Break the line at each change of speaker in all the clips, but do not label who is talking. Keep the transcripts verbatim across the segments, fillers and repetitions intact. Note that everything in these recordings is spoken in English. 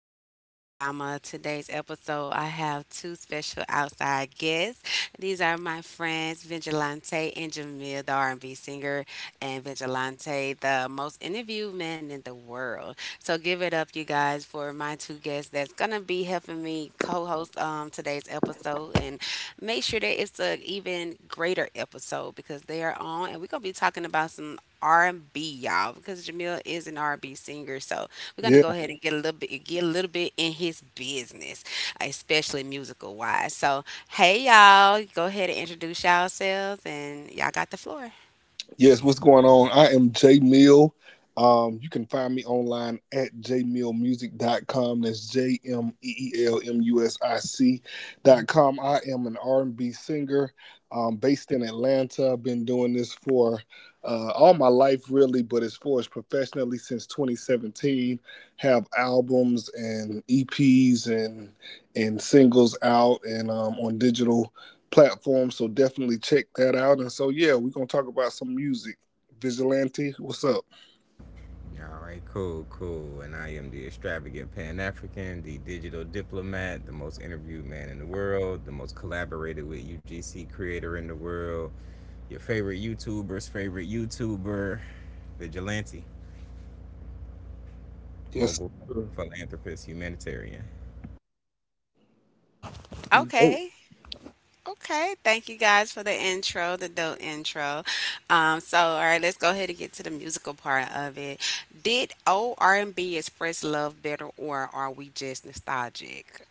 kicking it with Yama. Today's episode, I have two special outside guests. These are my friends Vigilante and Jamil, the R and B singer, and Vigilante, the most interviewed man in the world. So give it up, you guys, for my two guests that's gonna be helping me co-host um, today's episode and make sure that it's an even greater episode because they are on, and we're gonna be talking about some R and B, y'all, because Jamil is an R and B singer. So we're gonna go ahead and get a little bit get a little bit in his business, especially musical wise. So, hey y'all, go ahead and introduce yourselves, and y'all got the floor.
All right, cool, cool. And I am the extravagant Pan African, the digital diplomat, the most interviewed man in the world, the most collaborated with U G C creator in the world, your favorite YouTuber's favorite YouTuber, vigilante, mogul, philanthropist, humanitarian.
Okay. Okay, thank you guys for the intro, the dope intro. Um, so, all right, let's go ahead and get to the musical part of it. Did old R and B express love better, or are we just nostalgic?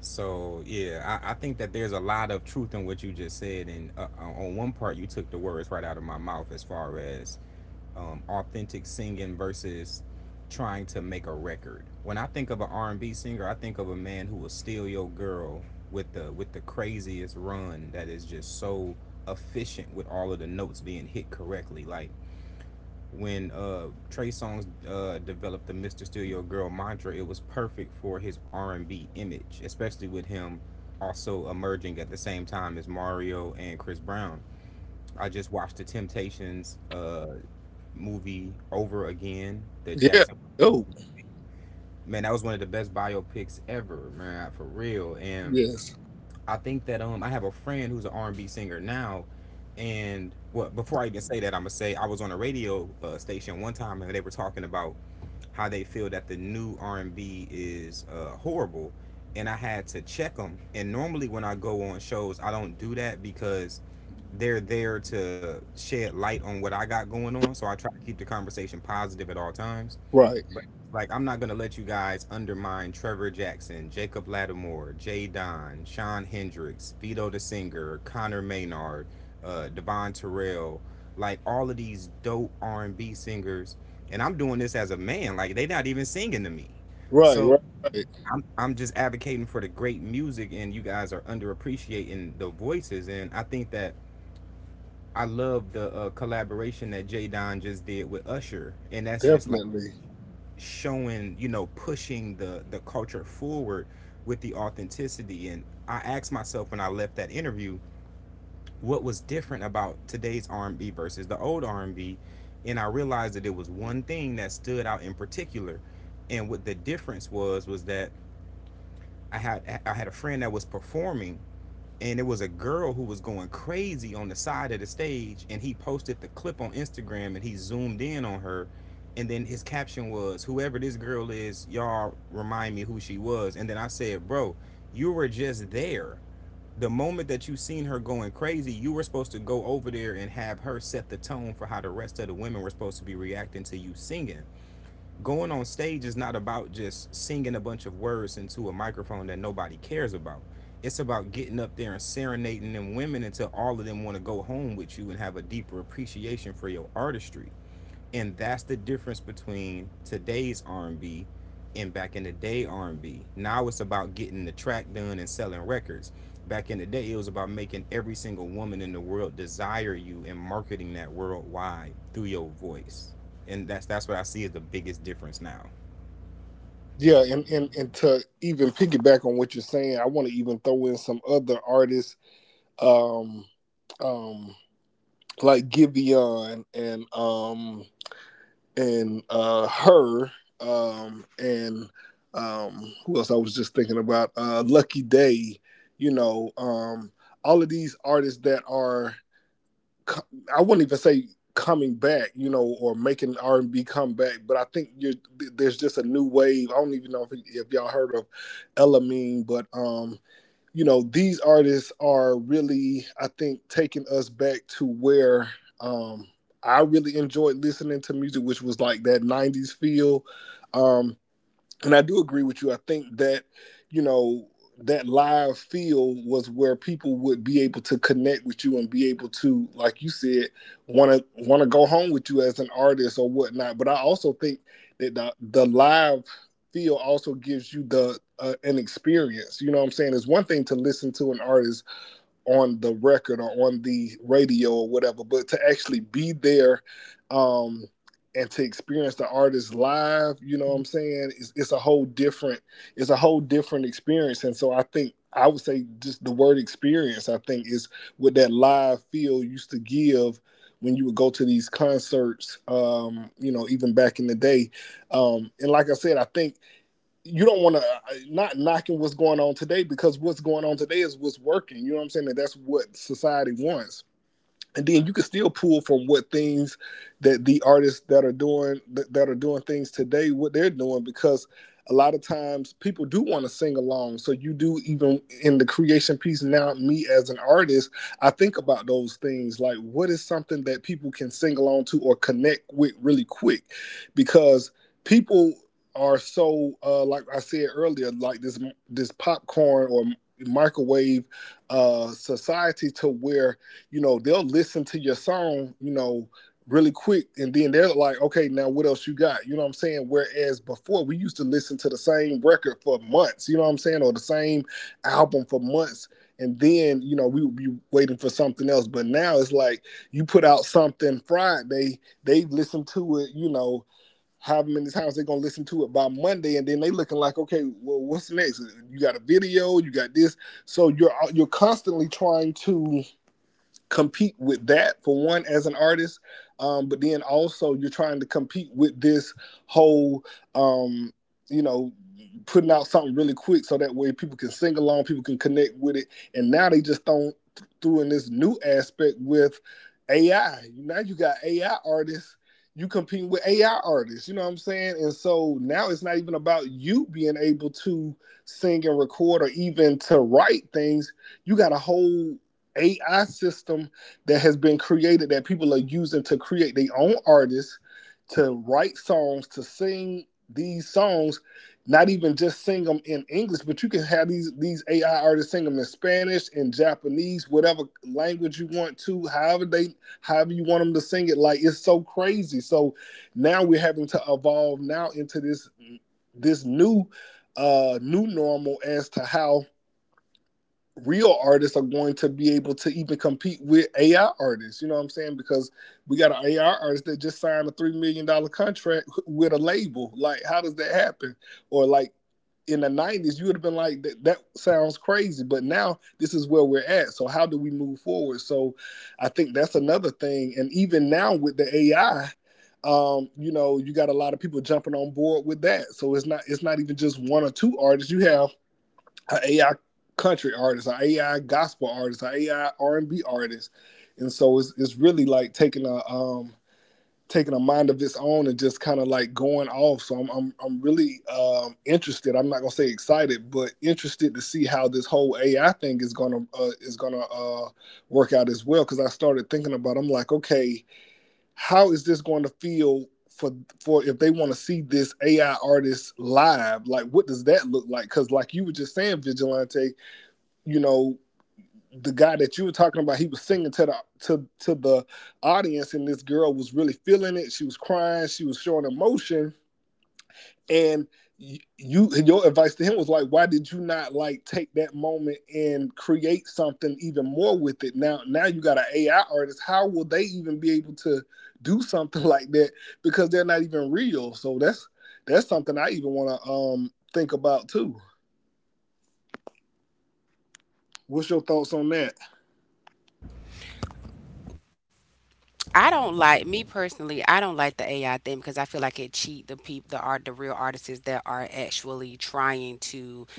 So yeah, I, I think that there's a lot of truth in what you just said, and uh, on one part you took the words right out of my mouth as far as um, authentic singing versus trying to make a record. When I think of an R and B singer, I think of a man who will steal your girl with the with the craziest run that is just so efficient with all of the notes being hit correctly. Like when uh Trey Songz uh developed the mister Steal Your Girl mantra, it was perfect for his R and B image, especially with him also emerging at the same time as Mario and Chris Brown. I just watched the Temptations uh movie over again. The Jackson. Man, that was one of the best biopics ever, man, for real. And I think that um I have a friend who's an R and B singer now, and well before I even say that I'm gonna say I was on a radio uh, station one time and they were talking about how they feel that the new R and B is uh, horrible, and I had to check them. And normally when I go on shows, I don't do that because they're there to shed light on what I got going on. So I try to keep the conversation positive at all times but like, I'm not gonna let you guys undermine Trevor Jackson, Jacob Lattimore, Jay Don, Sean Hendricks, Vito the Singer, Connor Maynard, uh, Devon Terrell, like all of these dope R and B singers. And I'm doing this as a man. Like they not even singing to me. So I'm I'm just advocating for the great music, and you guys are underappreciating the voices. And I think that I love the uh, collaboration that Jay Don just did with Usher, and that's just like showing, you know, pushing the the culture forward with the authenticity. And I asked myself when I left that interview, what was different about today's R&B versus the old R&B and B? And I realized that it was one thing that stood out in particular, and what the difference was was that i had i had a friend that was performing, and it was a girl who was going crazy on the side of the stage, and he posted the clip on Instagram and he zoomed in on her. And then his caption was, whoever this girl is, y'all remind me who she was. And then I said, bro, you were just there. The moment that you seen her going crazy, you were supposed to go over there and have her set the tone for how the rest of the women were supposed to be reacting to you singing. Going on stage is not about just singing a bunch of words into a microphone that nobody cares about. It's about getting up there and serenading them women until all of them want to go home with you and have a deeper appreciation for your artistry. And that's the difference between today's R and B and B, and back in the day R and B. Now it's about getting the track done and selling records. Back in the day, it was about making every single woman in the world desire you and marketing that worldwide through your voice. And that's that's what I see as the biggest difference now.
I don't like me personally. I don't like the A I thing because I feel like it cheat the people, the art, the real artists that are actually trying to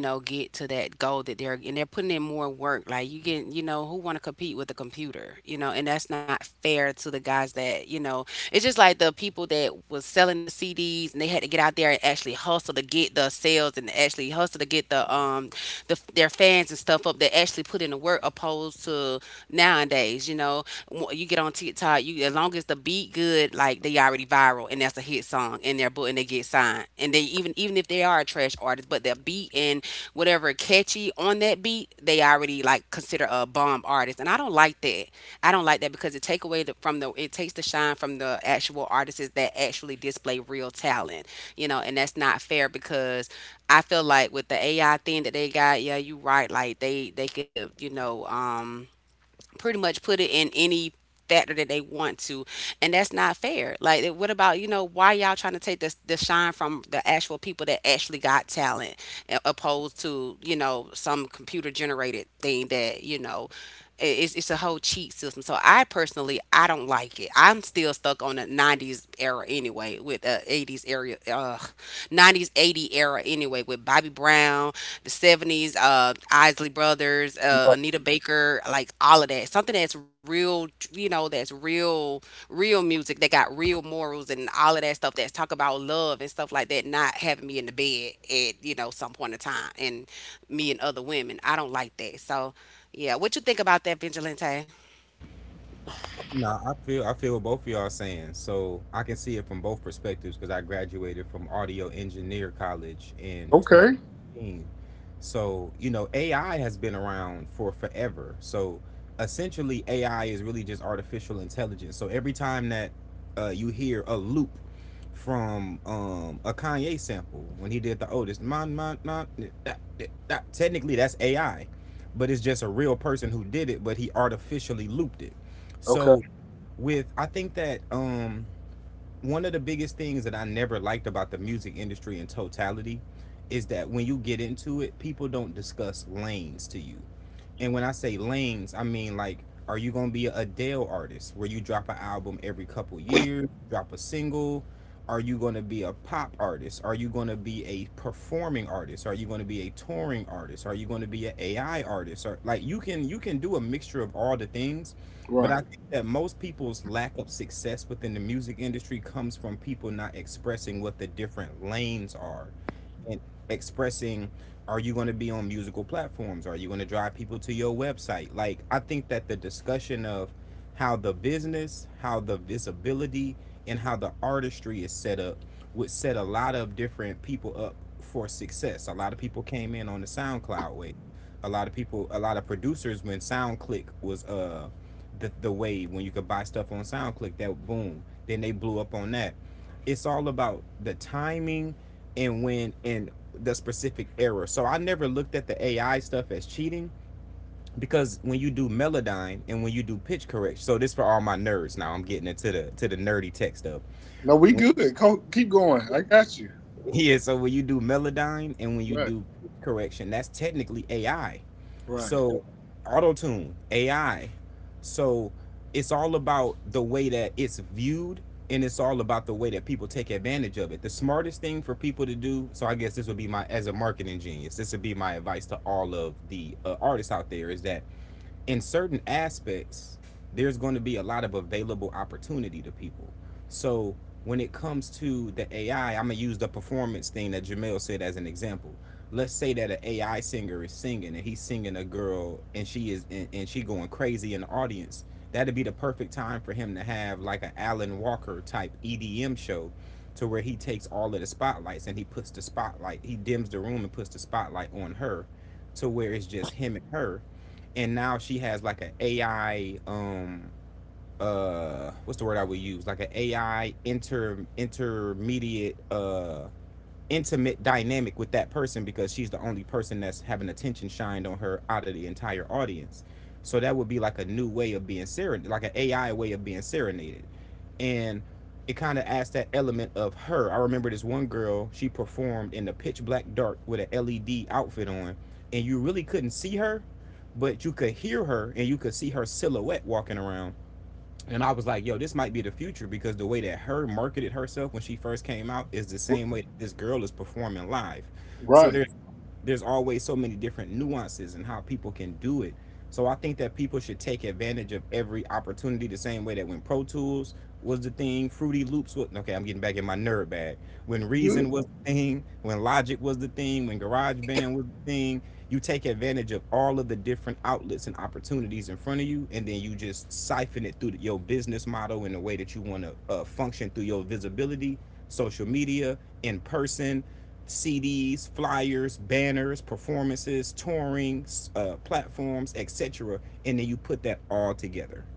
you know, get to that goal that they're and they're putting in more work. Like you get, you know, who want to compete with a computer, you know, and that's not fair to the guys that, you know, it's just like the people that was selling the C Ds and they had to get out there and actually hustle to get the sales and actually hustle to get the um the their fans and stuff up. They actually put in the work opposed to nowadays, you know, you get on TikTok, you as long as the beat good, like they already be viral and that's a hit song in their book and they get signed. And they even even if they are a trash artist, but their beat and whatever catchy on that beat, they already like consider a bomb artist. And I don't like that. I don't like that because it take away the, from the it takes the shine from the actual artists that actually display real talent. You know, and that's not fair because I feel like with the A I thing that they got, yeah, you right. Like they they could, you know, um pretty much put it in any factor that they want to and that's not fair like eh, what about you know why y'all trying to take the the shine from the actual people that actually got talent a- opposed to you know some computer generated thing that you know i- it's, it's a whole cheat system so I personally I don't like it. I'm still stuck on the nineties era anyway with the eighties era uh, nineties eighties era anyway with Bobby Brown, the seventies, uh Isley Brothers, uh Anita Baker, like all of that, something that's real, you know, that's real real music that got real morals and all of that stuff that's talk about love and stuff like that, not having me in the bed at you know some point in time and me and other women. I don't like that, so yeah, what you think about that, Vigilante?
No, I feel I feel what both of y'all are saying. So I can see it from both perspectives because I graduated from audio engineer college in twenty fifteen. So you know, A I has been around for forever. So essentially, A I is really just artificial intelligence. So every time that uh, you hear a loop from um, a Kanye sample when he did the Otis, mon, mon, mon, that, that, that, technically that's A I, but it's just a real person who did it, but he artificially looped it. So with I think that um one of the biggest things that I never liked about the music industry in totality is that when you get into it, people don't discuss lanes to you. And when I say lanes, I mean like, are you gonna be a Adele artist where you drop an album every couple years, drop a single? Are you gonna be a pop artist? Are you gonna be a performing artist? Are you gonna be a touring artist? Are you gonna be an A I artist? Or like you can you can do a mixture of all the things. But I think that most people's lack of success within the music industry comes from people not expressing what the different lanes are and expressing, are you going to be on musical platforms, are you going to drive people to your website? Like I think that the discussion of how the business, how the visibility, and how the artistry is set up would set a lot of different people up for success. A lot of people came in on the SoundCloud wave, a lot of people, a lot of producers, when SoundClick was uh the, the wave, when you could buy stuff on SoundClick, that boom, then they blew up on that. It's all about the timing and when in the specific error. So I never looked at the A I stuff as cheating because when you do Melodyne and when you do pitch correct, so this for all my nerds now. I'm getting into the to the nerdy tech stuff. When yeah, so when you do Melodyne and when you do correction, that's technically A I. So auto tune, A I. So it's all about the way that it's viewed, and it's all about the way that people take advantage of it. The smartest thing for people to do, so I guess this would be my, as a marketing genius, this would be my advice to all of the uh, artists out there is that in certain aspects, there's going to be a lot of available opportunity to people. So when it comes to the A I, I'm gonna use the performance thing that Jamel said as an example. Let's say that an A I singer is singing and he's singing a girl and she is, and, and she going crazy in the audience. That'd be the perfect time for him to have like an Alan Walker type E D M show to where he takes all of the spotlights and he puts the spotlight, he dims the room and puts the spotlight on her to where it's just him and her. And now she has like an A I um uh what's the word I would use, like an A I inter intermediate uh intimate dynamic with that person because she's the only person that's having attention shined on her out of the entire audience. So that would be like a new way of being serenaded, like an A I way of being serenaded. And it kind of adds that element of her. I remember this one girl, she performed in the pitch black dark with an L E D outfit on, and you really couldn't see her, but you could hear her and you could see her silhouette walking around. And I was like, yo, this might be the future, because the way that her marketed herself when she first came out is the same way this girl is performing live. So there's there's always so many different nuances and how people can do it. So I think that people should take advantage of every opportunity the same way that when Pro Tools was the thing, Fruity Loops was, okay, I'm getting back in my nerd bag. When Reason was the thing, when Logic was the thing, when GarageBand was the thing, you take advantage of all of the different outlets and opportunities in front of you and then you just siphon it through your business model in the way that you want to uh, function through your visibility, social media, in person, cds, flyers, banners, performances, touring, uh, platforms, etc. And then you put that all together.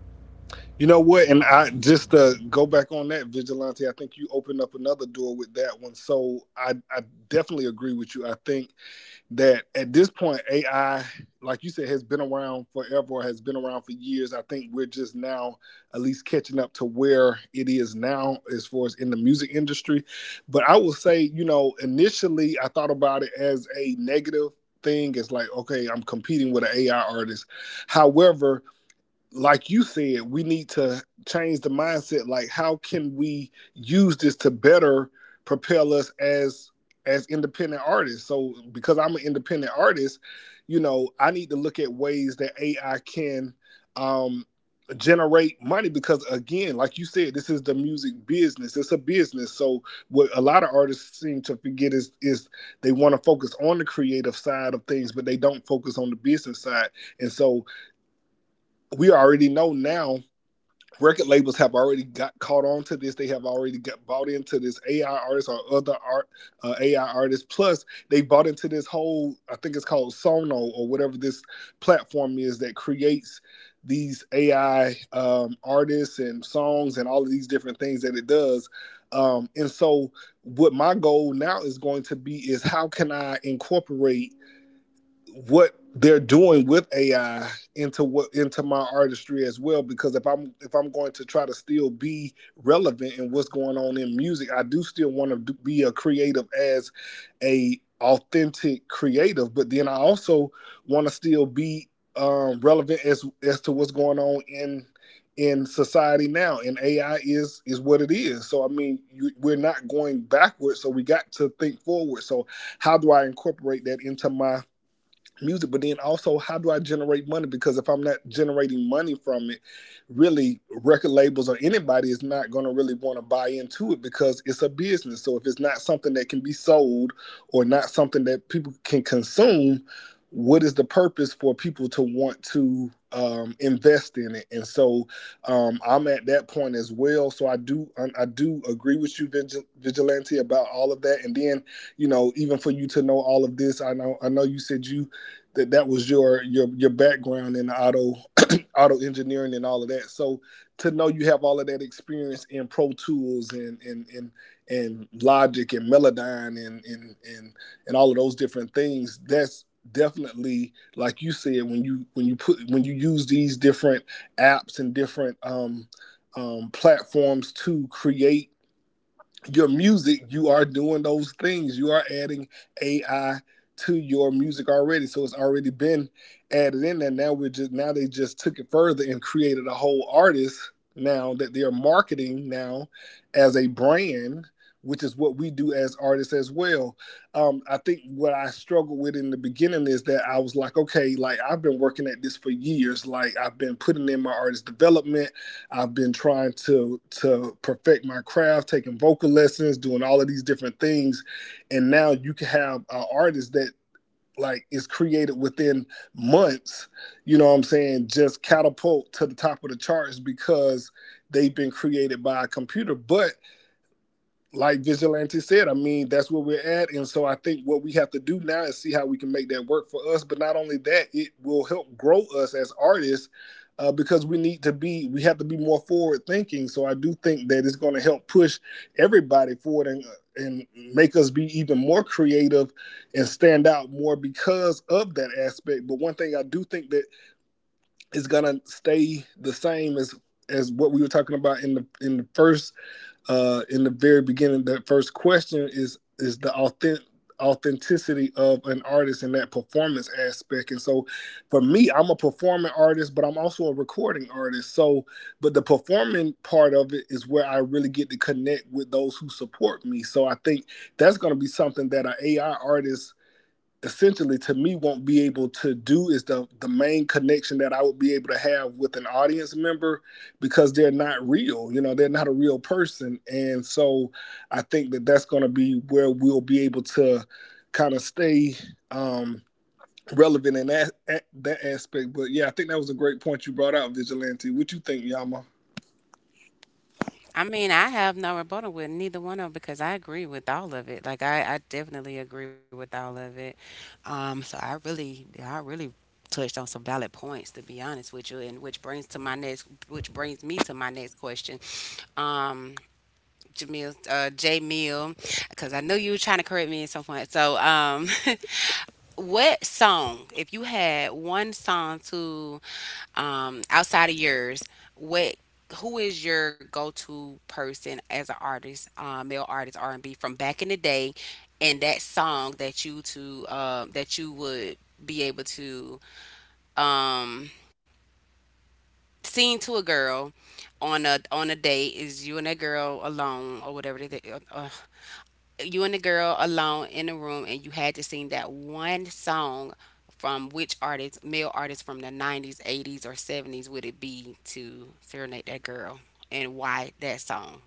I mean, I have no rebuttal with neither one of 'em because I agree with all of it. Like I, I definitely agree with all of it. Um, so I really, I really touched on some valid points to be honest with you, and which brings to my next, which brings me to my next question. Um, Jamil, uh, J Mill, because I knew you were trying to correct me at some point. So, um, what song, if you had one song to um outside of yours, what who is your go-to person as an artist, uh, male artist R and B from back in the day and that song that you to uh, that you would be able to um sing to a girl on a on a date is you and that girl alone or whatever it is, you and the girl alone in a room and you had to sing that one song from which artist, male artist from the nineties, eighties, or seventies would it be to serenade that girl and why that song?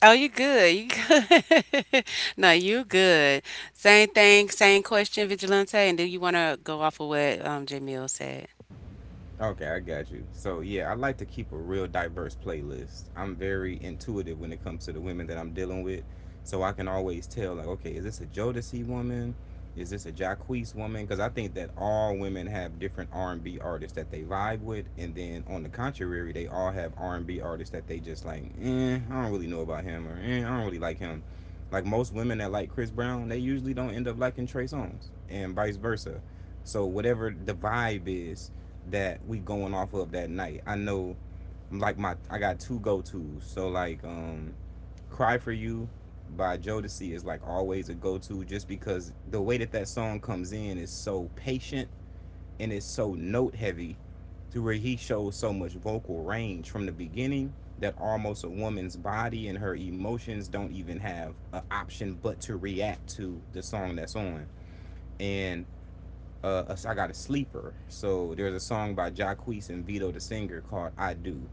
Oh, you good. You good. No, you good. Same thing, same question, Vigilante. And do you want to go off of what um, Jamil said?
Okay, I got you. So yeah, I like to keep a real diverse playlist. I'm very intuitive when it comes to the women that I'm dealing with, so I can always tell, like, okay, is this a Jodeci woman? Is this a Jacquees woman? Because I think that all women have different R and B artists that they vibe with, and then on the contrary, they all have R and B artists that they just like, eh, I don't really know about him, or eh, I don't really like him. Like most women that like Chris Brown, they usually don't end up liking Trey Songz, and vice versa. So whatever the vibe is, that we going off of that night. I know, like, my I got two go tos. So, like um Cry for You by Jodeci is like always a go to just because the way that that song comes in is so patient and it's so note heavy, to where he shows so much vocal range from the beginning that almost a woman's body and her emotions don't even have an option but to react to the song that's on. And uh, I got a sleeper. So there's a song by Jacquees and Vito the Singer called "I Do,"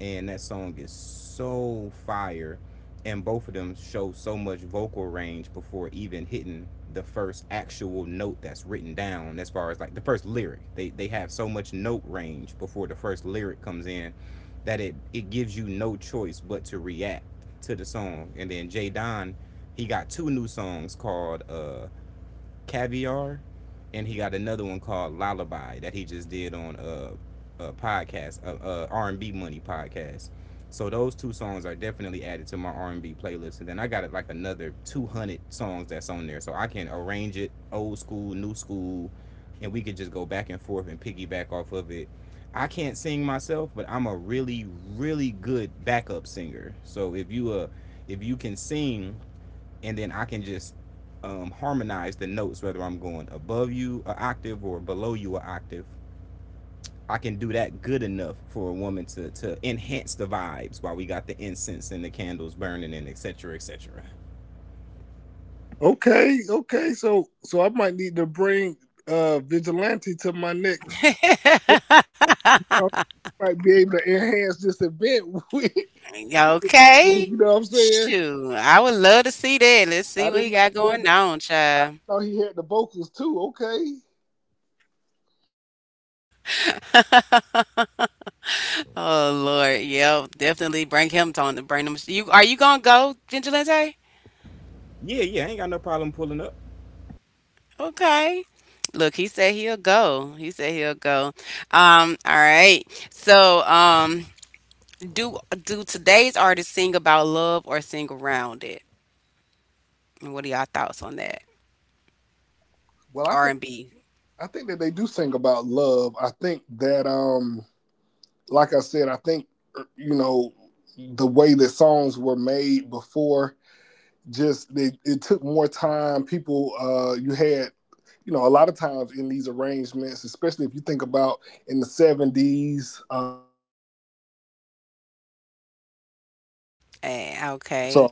and that song is so fire. And both of them show so much vocal range before even hitting the first actual note that's written down. As far as like the first lyric, they they have so much note range before the first lyric comes in, that it it gives you no choice but to react to the song. And then Jay Don, he got two new songs called. Uh, Caviar, and he got another one called Lullaby that he just did on a, a podcast, a, a R and B Money podcast. So those two songs are definitely added to my R and B playlist, and then I got like another two hundred songs that's on there, so I can arrange it old school, new school, and we could just go back and forth and piggyback off of it. I can't sing myself, but I'm a really, really good backup singer. So if you uh, if you can sing, and then I can just um, harmonize the notes, whether I'm going above you an octave or below you an octave. I can do that good enough for a woman to to enhance the vibes while we got the incense and the candles burning, and etc. Cetera, etc. Cetera.
Okay. Shoot. I would love to see that. Let's see what he got going on, child. Oh Lord, yep, definitely bring him on. Bring him. You are you gonna go, Vigilante?
Yeah, yeah, I ain't got no problem pulling up.
Okay. Look, he said he'll go. He said he'll go. Um, all right. So, um, do do today's artists sing about love or sing around it? And what are y'all thoughts on that? R and B. Eh, okay.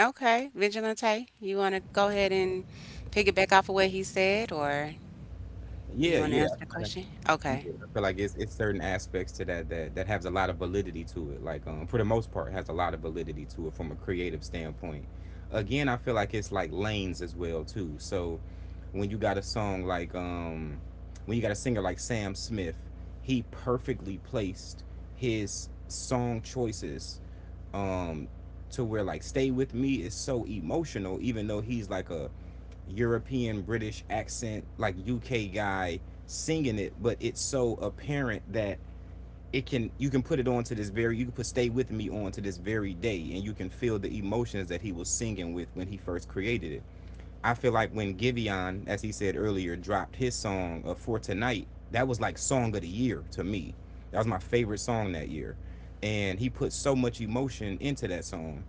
Okay, Vigilante, you want to go ahead and pick it back off of what he said, or do
Yeah,
you want to
yeah,
answer the question? Okay.
yeah, I feel like it's it's certain aspects to that, that that has a lot of validity to it. Like, um, for the most part, has a lot of validity to it from a creative standpoint. Again, I feel like it's like lanes as well too. So when you got a song like um, when you got a singer like Sam Smith, he perfectly placed his song choices um to where like Stay With Me is so emotional, even though he's like a European British accent, like U K guy singing it, but it's so apparent that it can you can put it on to this very you can put Stay With Me on to this very day and you can feel the emotions that he was singing with when he first created it. I feel like when Giveon, as he said earlier, dropped his song, uh, For Tonight, that was like song of the year to me. That was my favorite song that year. And he put so much emotion into that song,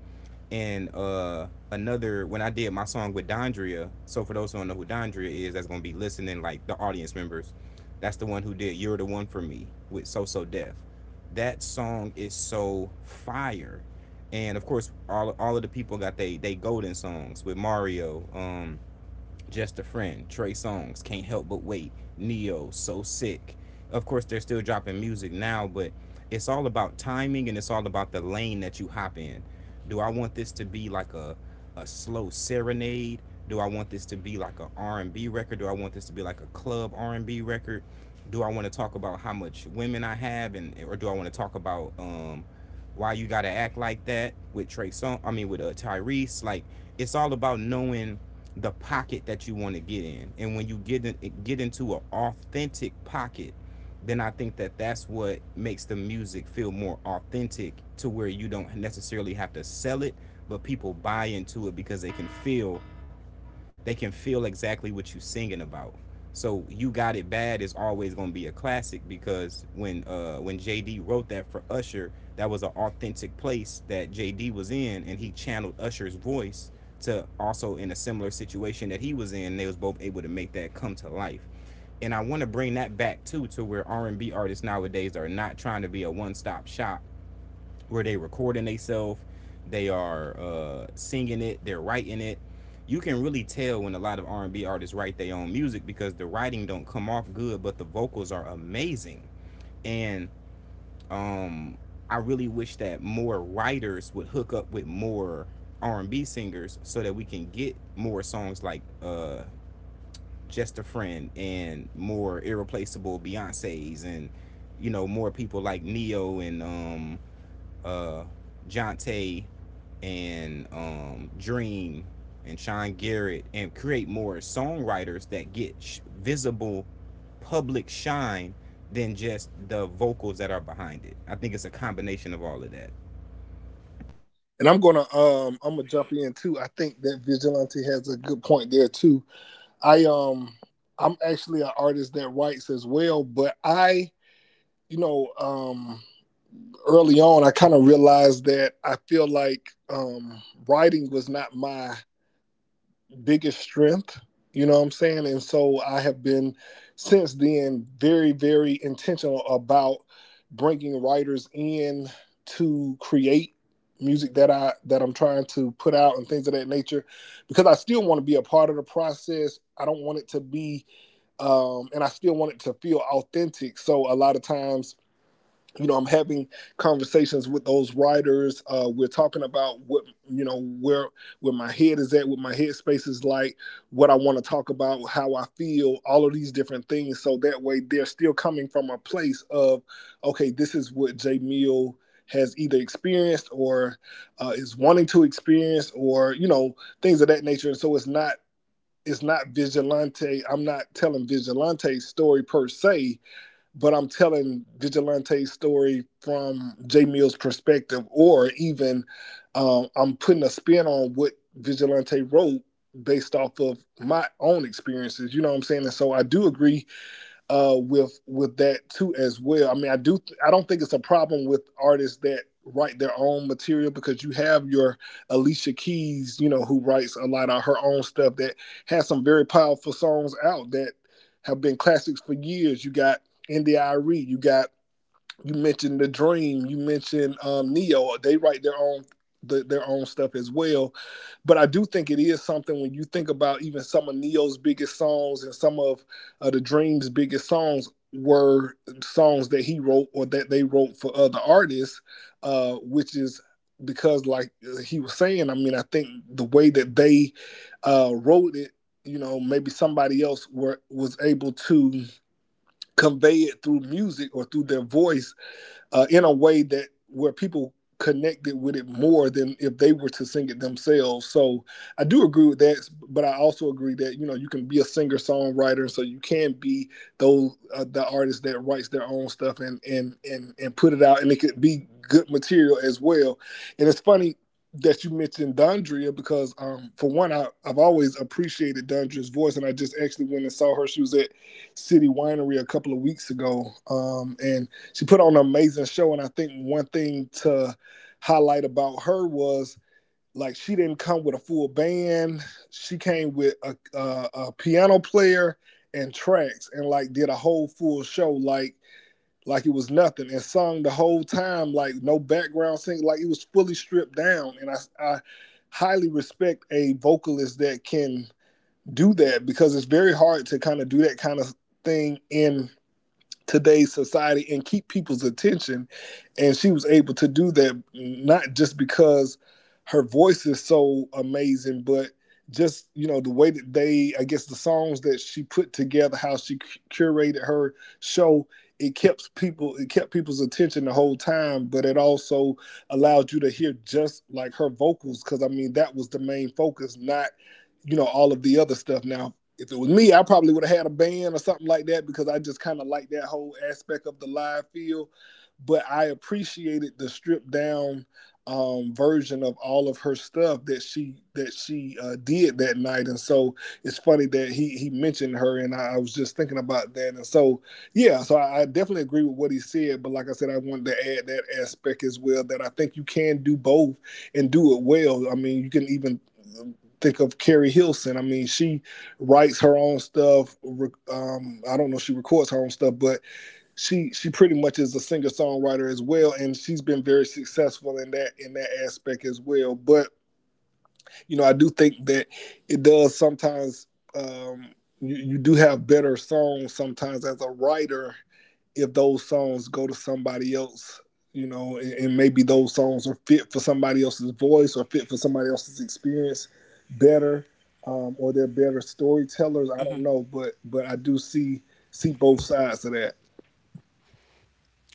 and uh another, when I did my song with Dondria. So for those who don't know who Dondria is, that's gonna be listening, like the audience members. That's the one who did "You're the One for Me" with So So Def. That song is so fire, and of course all all of the people got they they golden songs with Mario. Um, just a Friend, Trey Songs, Can't Help But Wait, Neo, So Sick. Of course, they're still dropping music now, but it's all about timing and it's all about the lane that you hop in. Do I want this to be like a a slow serenade? Do I want this to be like a R and B record? Do I want this to be like a club R and B record? Do I want to talk about how much women I have, and or do I want to talk about um why you gotta act like that with Trey Song. I mean, with uh, Tyrese. Like, it's all about knowing the pocket that you want to get in, and when you get in, get into an authentic pocket, then I think that that's what makes the music feel more authentic, to where you don't necessarily have to sell it, but people buy into it because they can feel they can feel exactly what you're singing about. So You Got It Bad is always gonna be a classic because when uh when J D wrote that for Usher, that was an authentic place that J D was in, and he channeled Usher's voice to, also in a similar situation that he was in. And They was both able to make that come to life, and I want to bring that back too, to where R and B artists nowadays are not trying to be a one stop shop, where they recording themselves, they are uh, singing it, they're writing it. You can really tell when a lot of R and B artists write their own music, because the writing don't come off good, but the vocals are amazing. And um, I really wish that more writers would hook up with more R and B singers so that we can get more songs like uh, Just a Friend, and more irreplaceable Beyonces, and, you know, more people like Neo, and um, Jonte, and um, Dream, and Sean Garrett, and create more songwriters that get sh- visible public shine than just the vocals that are behind it. I think it's a combination of all of that.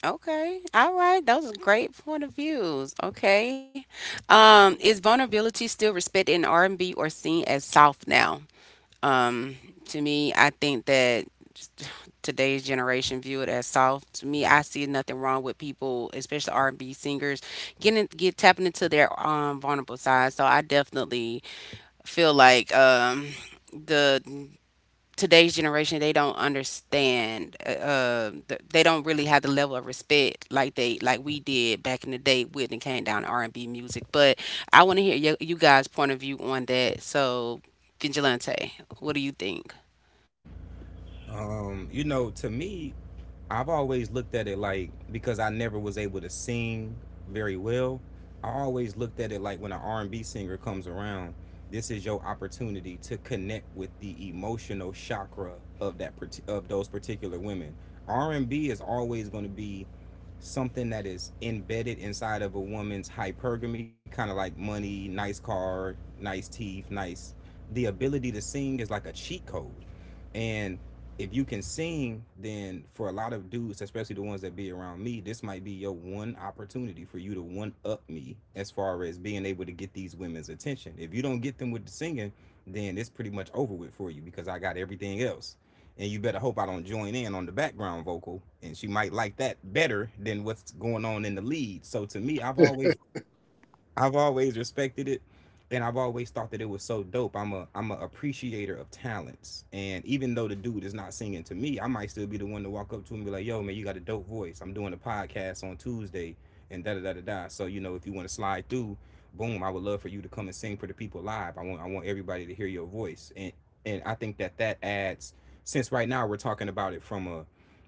Okay. All right. Those are great point of views. Okay. Um, is vulnerability still respected in R and B or seen as soft now? Um, to me, I think that just today's generation view it as soft. To me, I see nothing wrong with people, especially R and B singers, getting get tapping into their um vulnerable side. So I definitely feel like um the today's generation they don't understand uh, uh, th- they don't really have the level of respect like they like we did back in the day with and came down to R&B music. But I want to hear y- you guys point of view on that, so Vigilante, what do you think?
Um, you know, to me, I've always looked at it like, because I never was able to sing very well. I always looked at it like, when an R and B singer comes around, this is your opportunity to connect with the emotional chakra of that of those particular women. R and B is always going to be something that is embedded inside of a woman's hypergamy, kind of like money, nice car, nice teeth, nice. The ability to sing is like a cheat code. And if you can sing, then for a lot of dudes, especially the ones that be around me, this might be your one opportunity for you to one up me as far as being able to get these women's attention. If you don't get them with the singing, then it's pretty much over with for you because I got everything else. And you better hope I don't join in on the background vocal. And she might like that better than what's going on in the lead. So to me, I've always I've always respected it, and I've always thought that it was so dope. I'm a I'm a appreciator of talents. And even though the dude is not singing to me, I might still be the one to walk up to him and be like, "Yo, man, you got a dope voice. I'm doing a podcast on Tuesday." And da da da da da. So, you know, if you want to slide through, boom, I would love for you to come and sing for the people live. I want I want everybody to hear your voice. And and I think that that adds, since right now we're talking about it from a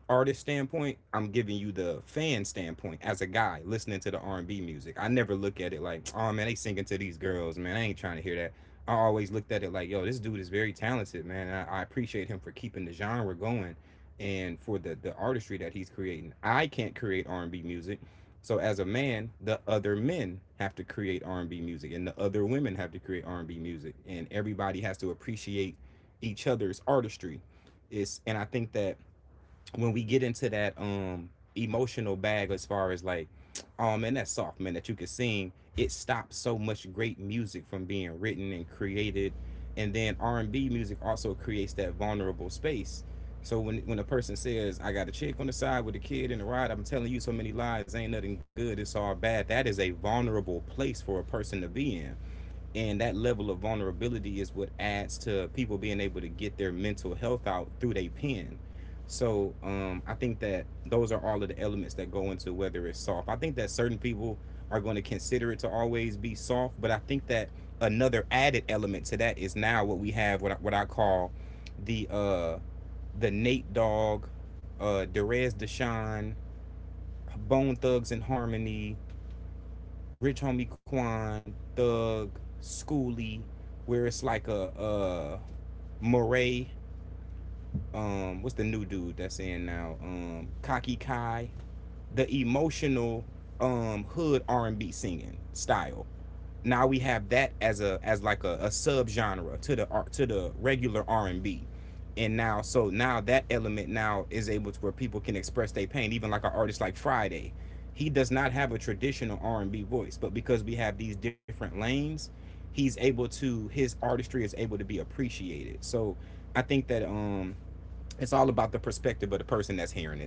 artist standpoint, I'm giving you the fan standpoint. As a guy listening to the R&B music, I never look at it like, oh man, they singing to these girls, man, I ain't trying to hear that. I always looked at it like, yo, this dude is very talented, man, and I, I appreciate him for keeping the genre going and for the the artistry that he's creating. I can't create R&B music, so as a man, the other men have to create R&B music, and the other women have to create R&B music, and everybody has to appreciate each other's artistry. It's, and I think that when we get into that um emotional bag, as far as like, oh man, that's soft, man, that you can sing, it stops so much great music from being written and created. And then R&B music also creates that vulnerable space. So when when a person says, I got a chick on the side with a kid in the ride, I'm telling you so many lies, ain't nothing good, it's all bad, that is a vulnerable place for a person to be in. And that level of vulnerability is what adds to people being able to get their mental health out through their pen. So, um, I think that those are all of the elements that go into whether it's soft. I think that certain people are going to consider it to always be soft, but I think that another added element to that is now, what we have, what I, what I call the uh, the Nate Dogg, uh, Derez Deshawn, Bone Thugs and Harmony, Rich Homie Quan, Thug, Schoolie, where it's like a uh, Murray, um what's the new dude that's in now? Um Kaki Kai, the emotional um hood R and B singing style. Now we have that as a as like a, a sub genre to the R- to the regular R and B. And now, so now that element now is able to where people can express their pain, even like an artist like Friday. He does not have a traditional R and B voice, but because we have these different lanes, he's able to — his artistry is able to be appreciated. So I think that um it's all about the perspective of the person that's hearing it.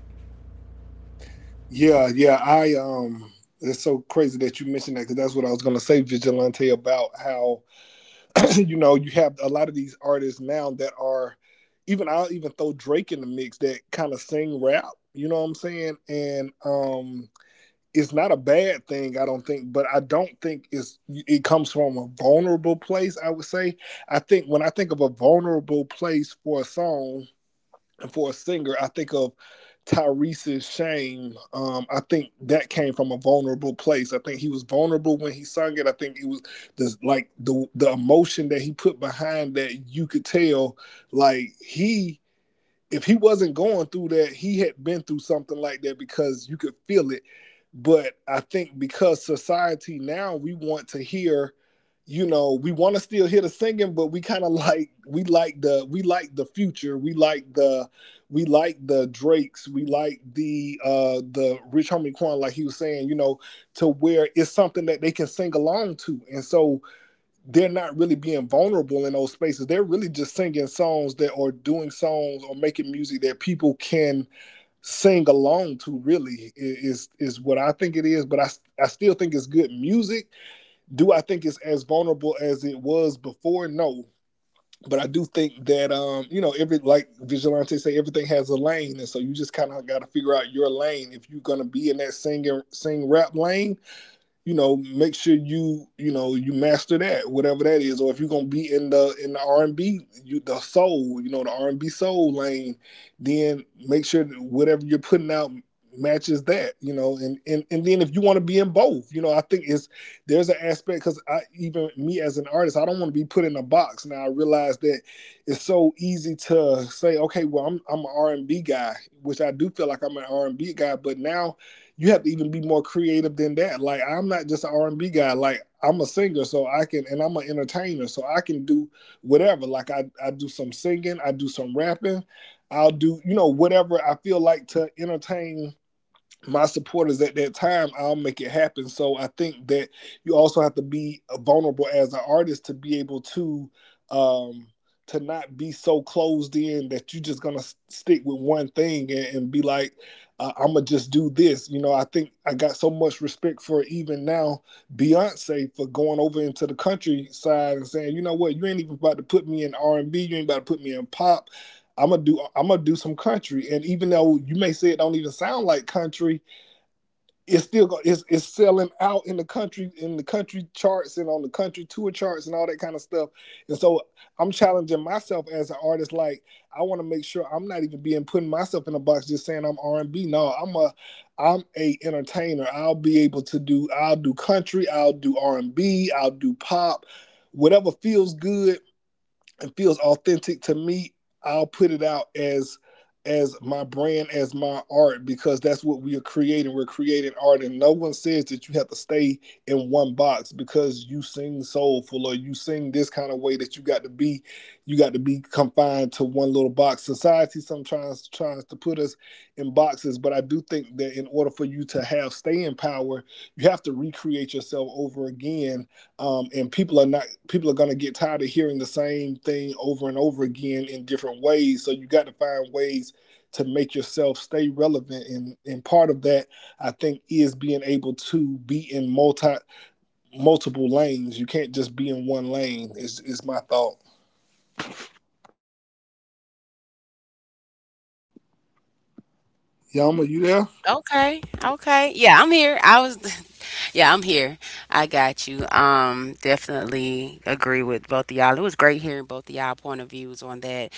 Okay, okay, yeah, I'm here. I was yeah, I'm here. I got you. Um, definitely agree with both of y'all. It was great hearing both of y'all point of views on that.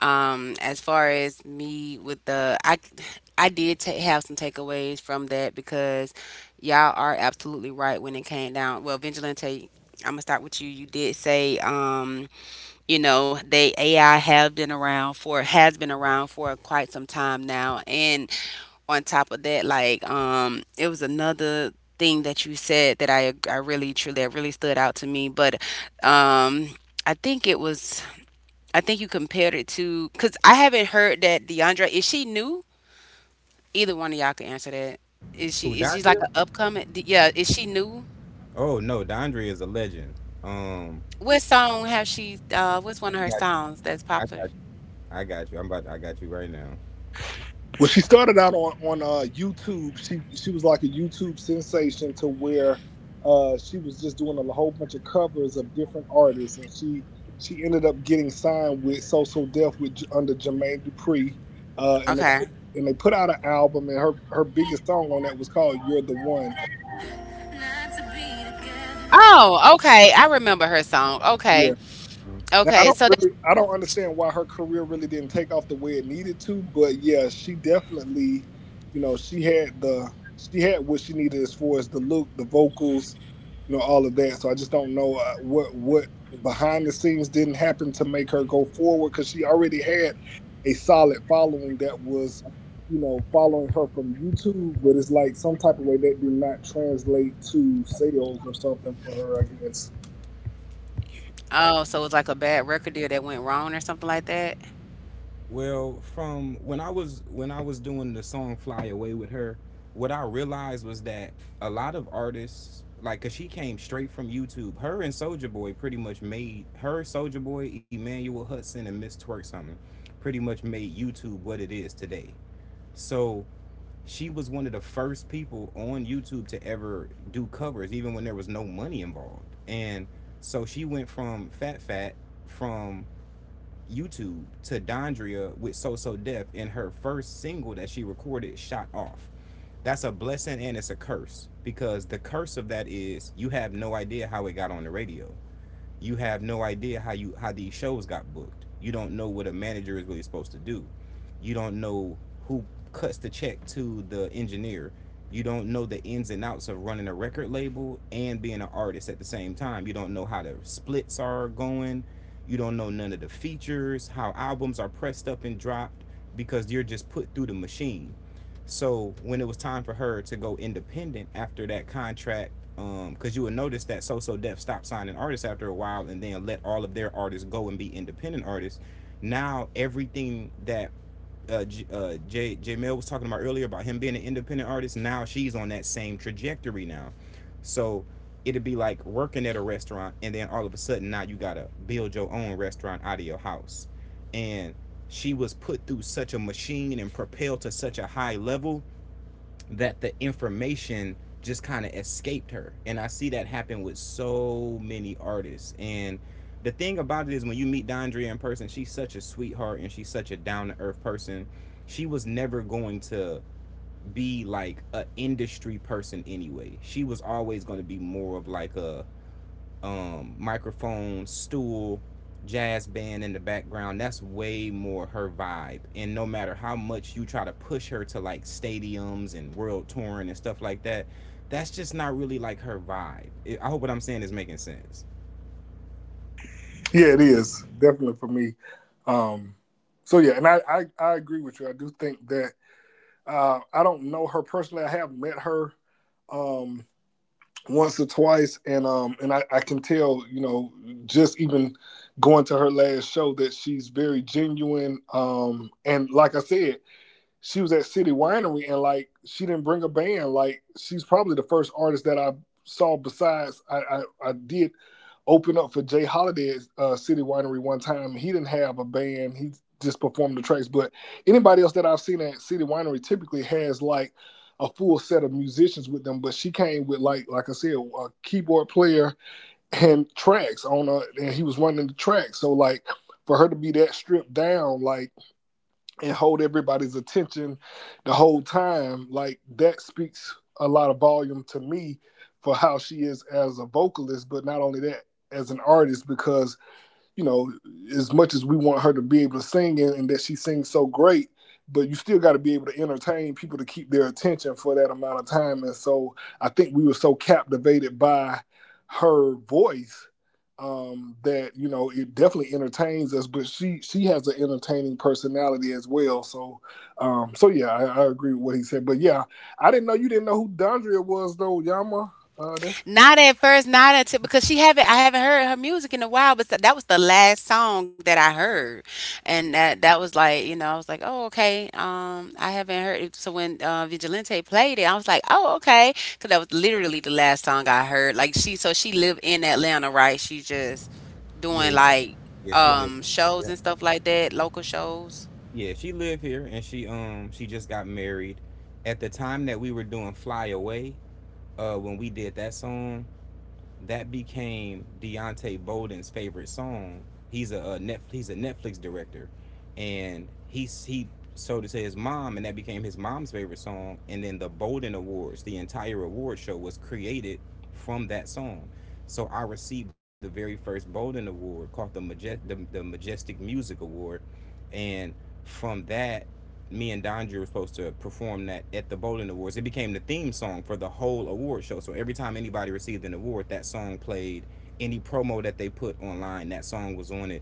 Um, as far as me with the, I, I did ta- have some takeaways from that because y'all are absolutely right when it came down. Well, Vigilante, I'm gonna start with you. You did say, um you know they ai have been around for has been around for quite some time now, and on top of that like um it was another thing that you said that I I really truly that really stood out to me. But um i think it was I think you compared it to because I haven't heard that. Deandre, is she new? Either one of y'all can answer that. is
Who,
she is she
Dondria?
like an upcoming d- yeah, is she new?
Oh no, Dondre is a legend. Um,
What song have she uh, what's
I
one of her
got you.
songs that's
I got
popular?
I got you. I'm about to, I got you right now.
Okay.
Not to be
Oh, okay. I remember her song. Okay.
together.
Okay. So that's oh, so it was like a bad record deal that went wrong or something like that.
Well, from when I was when I was doing the song "Fly Away" with her, what I realized was that a lot of artists, like, cause she came straight from YouTube. Her and Soldier Boy pretty much made her — Soldier Boy, Emmanuel Hudson, and Miss Twerk something, pretty much made YouTube what it is today. So she was one of the first people on YouTube to ever do covers, even when there was no money involved. And so she went from Fat Fat from YouTube to Dondria with So So Def, and her first single that she recorded, Shot Off. That's a blessing and it's a curse, because the curse of that is you have no idea how it got on the radio, you have no idea how you — how these shows got booked. You don't know what a manager is really supposed to do. You don't know who cuts the check to the engineer. You don't know the ins and outs of running a record label and being an artist at the same time. You don't know how the splits are going. You don't know none of the features, how albums are pressed up and dropped, because you're just put through the machine. So when it was time for her to go independent after that contract, um, because you would notice that So So Def stopped signing artists after a while and then let all of their artists go and be independent artists. Now everything that uh, J- uh, J J Mel was talking about earlier about him being an independent artist, now she's on that same trajectory now. So it'd be like working at a restaurant and then all of a sudden now you gotta build your own restaurant out of your house, and she was put through such a machine and propelled to such a high level that the information just kind of escaped her. And I see that happen with so many artists. And the thing about it is, when you meet Dondria in person, she's such a sweetheart and she's such a down-to-earth person. She was never going to be like an industry person anyway. She was always going to be more of like a um, microphone stool jazz band in the background. That's way more her vibe, and no matter how much you try to push her to like stadiums and world touring and stuff like that, that's just not really like her vibe. It- I hope what I'm saying is making sense.
Not at first, not until because she haven't i haven't heard her music in a while, but that was the last song that I heard. And that that was like, you know, I was like, "Oh, okay. Um, I haven't heard it." So when uh, Vigilante played it, I was like, "Oh, okay." Cuz that was literally the last song I heard. Like she so she lived in Atlanta, right? She just doing
Yeah,
like
yeah she lived
um shows
yeah,
and stuff like that, local shows.
yeah, she lived here. And she, um she just got married at the time that we were doing Fly Away, uh, when we did that song, that became Deontay Bolden's favorite song. He's a, a Netflix — he's a Netflix director, and he he sold it to his mom, and that became his mom's favorite song. And then the Bolden Awards, the entire award show, was created from that song. So I received the very first Bolden Award, called the Maje- the, the Majestic Music Award, and from that, me and Dondre were supposed to perform that at the Bowling Awards. It became the theme song for the whole award show. So every time anybody received an award, that song played. Any promo that they put online, that song was on it.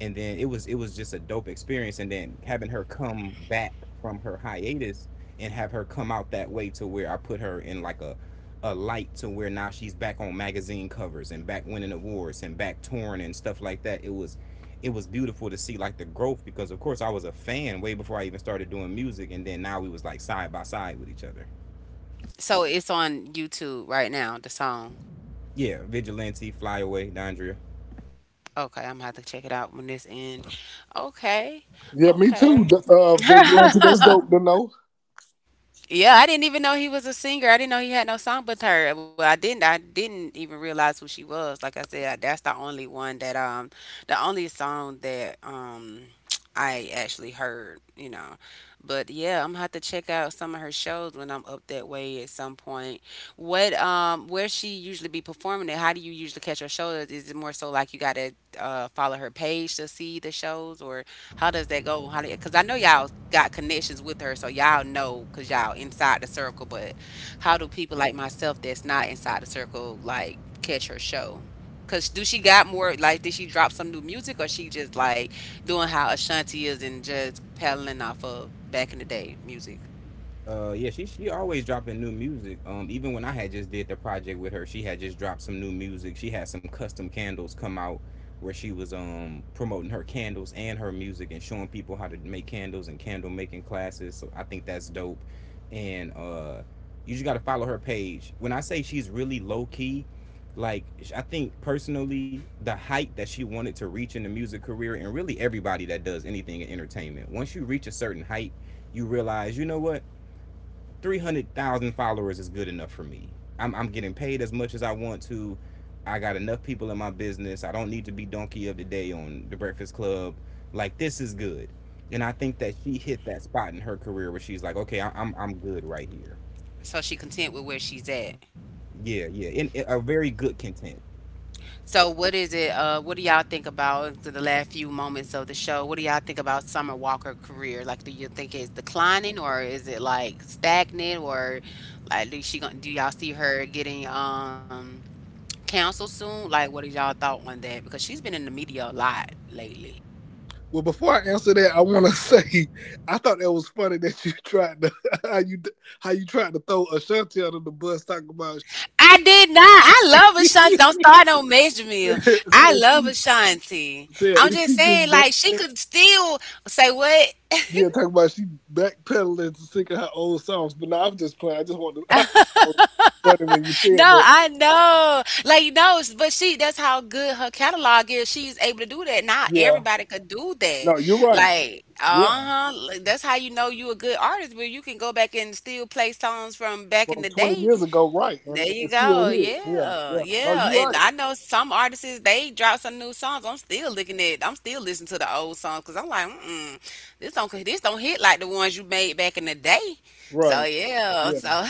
And then it was — it was just a dope experience. And then having her come back from her hiatus and have her come out that way, to where I put her in like a a light to where now she's back on magazine covers and back winning awards and back touring and stuff like that. It was — it was beautiful to see like the growth, because of course I was a fan way before I even started doing music, and then now we was like side by side with each other.
So it's on YouTube right now, the song.
Yeah, Vigilante, Fly Away, Dondria.
Okay, I'm gonna have to check it out when this ends. Okay, okay. Yeah, I didn't even know he was a singer. I didn't know he had no song with her. Well, I didn't. I didn't even realize who she was. Like I said, that's the only one that um, the only song that um, I actually heard. You know, but yeah, I'm gonna have to check out some of her shows when I'm up that way at some point. What um, where she usually be performing it? How do you usually catch her shows? Is it more so like you gotta uh follow her page to see the shows, or how does that go? How because I know y'all got connections with her, so y'all know because y'all inside the circle. But how do people like myself that's not inside the circle like catch her show? Cause do she got more like did she drop some new music or she just like doing how Ashanti is and just peddling off of back in the day music?
Uh, yeah, she she always dropping new music. Um, even when I had just did the project with her, she had just dropped some new music. She had some custom candles come out where she was um promoting her candles and her music and showing people how to make candles and candle making classes. So I think that's dope. And uh, you just gotta follow her page. When I say she's really low key, like, I think personally the height that she wanted to reach in the music career, and really everybody that does anything in entertainment, once you reach a certain height, you realize, you know what, three hundred thousand followers is good enough for me. I'm, I'm getting paid as much as I want to. I got enough people in my business. I don't need to be donkey of the day on the Breakfast Club. Like, this is good, and I think that she hit that spot in her career where she's like, okay, I- I'm I'm good right here.
So she content with where she's at.
Yeah, yeah, and a very good content.
So, what is it? Uh, what do y'all think about to the last few moments of the show? What do y'all think about Summer Walker career? Like, do you think it's declining, or is it like stagnant, or like do she gonna do y'all see her getting um canceled soon? Like, what is y'all thought on that? Because she's been in the media a lot lately. I did not. I love Ashanti. Don't start on Major Mill. I love Ashanti. I'm just saying, like, she could still say what? No, I know. Like, no, s- but she, that's how good her catalog is. She's able to do that. Not everybody could do that. Like, uh-huh. Like, that's how you know you a good artist, where you can go back and still play songs from back in the day. There you go. Yeah. Yeah. And I know some artists, they drop some new songs. I'm still looking at, i'm still listening to the old songs because I'm like, mm-mm, this don't, this don't hit like the ones you made back in the day. So, yeah. So,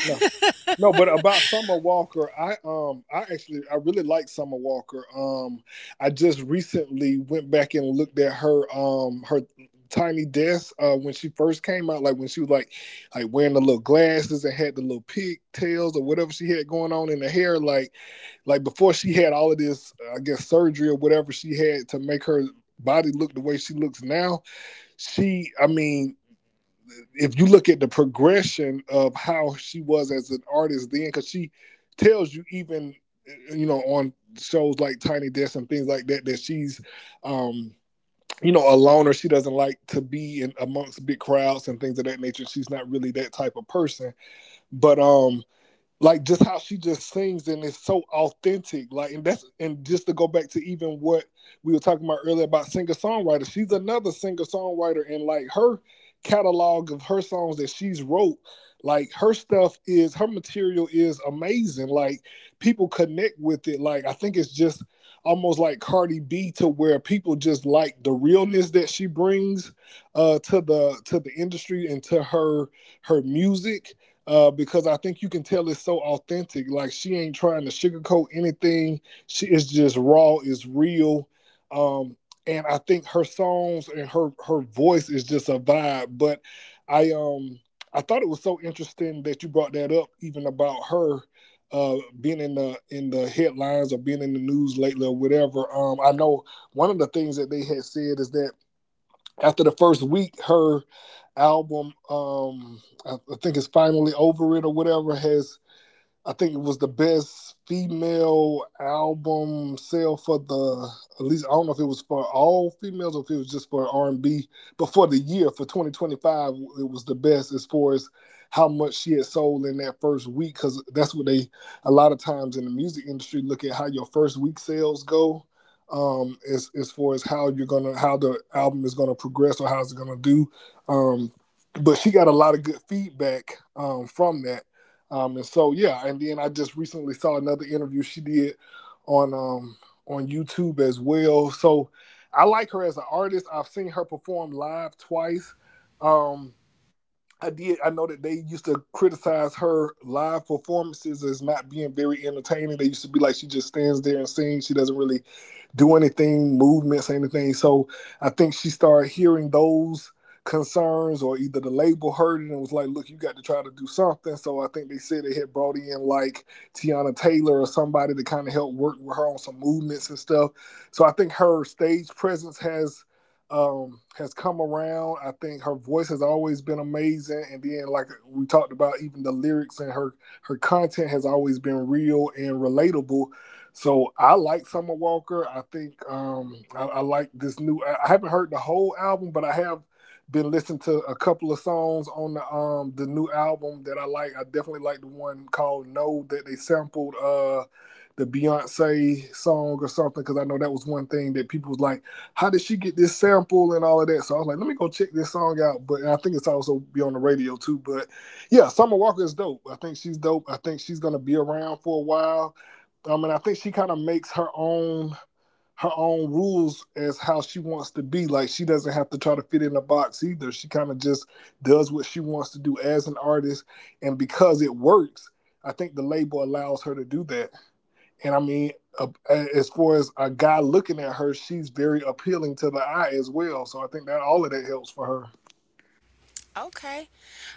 okay.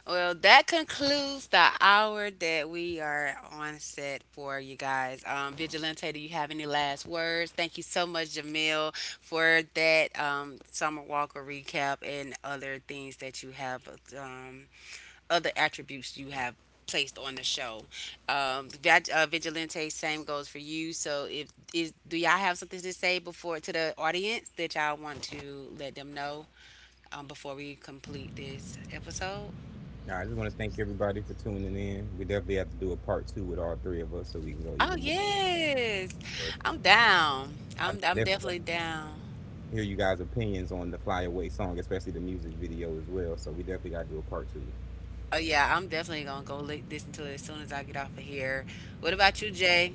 Well, that concludes the hour that we are on set for you guys. Um, Vigilante, do you have any last words? Thank you so much, Jamil, for that um, Summer Walker recap and other things that you have, um, other attributes you have placed on the show. Um, Vag- uh, Vigilante, same goes for you. So, if is do y'all have something to say before to the audience that y'all want to let them know um, before we complete this episode?
Now, I just want to thank everybody for tuning in. We definitely have to do a part two with all three of us so we can go
Oh
even more.
yes. I'm down.
I
I'm I'm
definitely want
definitely down.
to hear you guys' opinions on the Fly Away song, especially the music video as well. So we definitely got to do a part two.
Oh yeah, I'm definitely gonna go li listen to it as soon as I get off of here. What about you, Jay?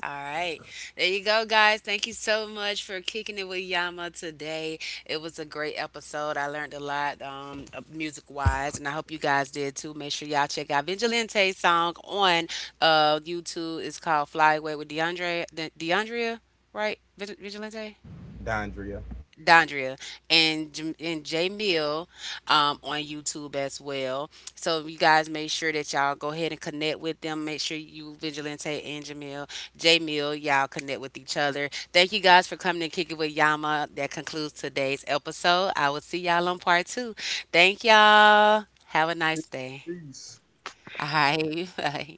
All right. There you go, guys. Thank you so much for kicking it with Yama today. It was a great episode. I learned a lot um, music wise, and I hope you guys did too. Make sure y'all check out Vigilante's song on uh, YouTube. It's called Fly Away with DeAndre, De- DeAndrea, right? Vigil- Vigilante?
Dondria.
Dondria and J- and J Mill um, on YouTube as well. So you guys make sure that y'all go ahead and connect with them. Make sure you Vigilante and Jamil, J Mill, y'all connect with each other. Thank you guys for coming and kicking with Yama. That concludes today's episode. I will see y'all on part two. Thank y'all. Have a nice day. All right. Bye.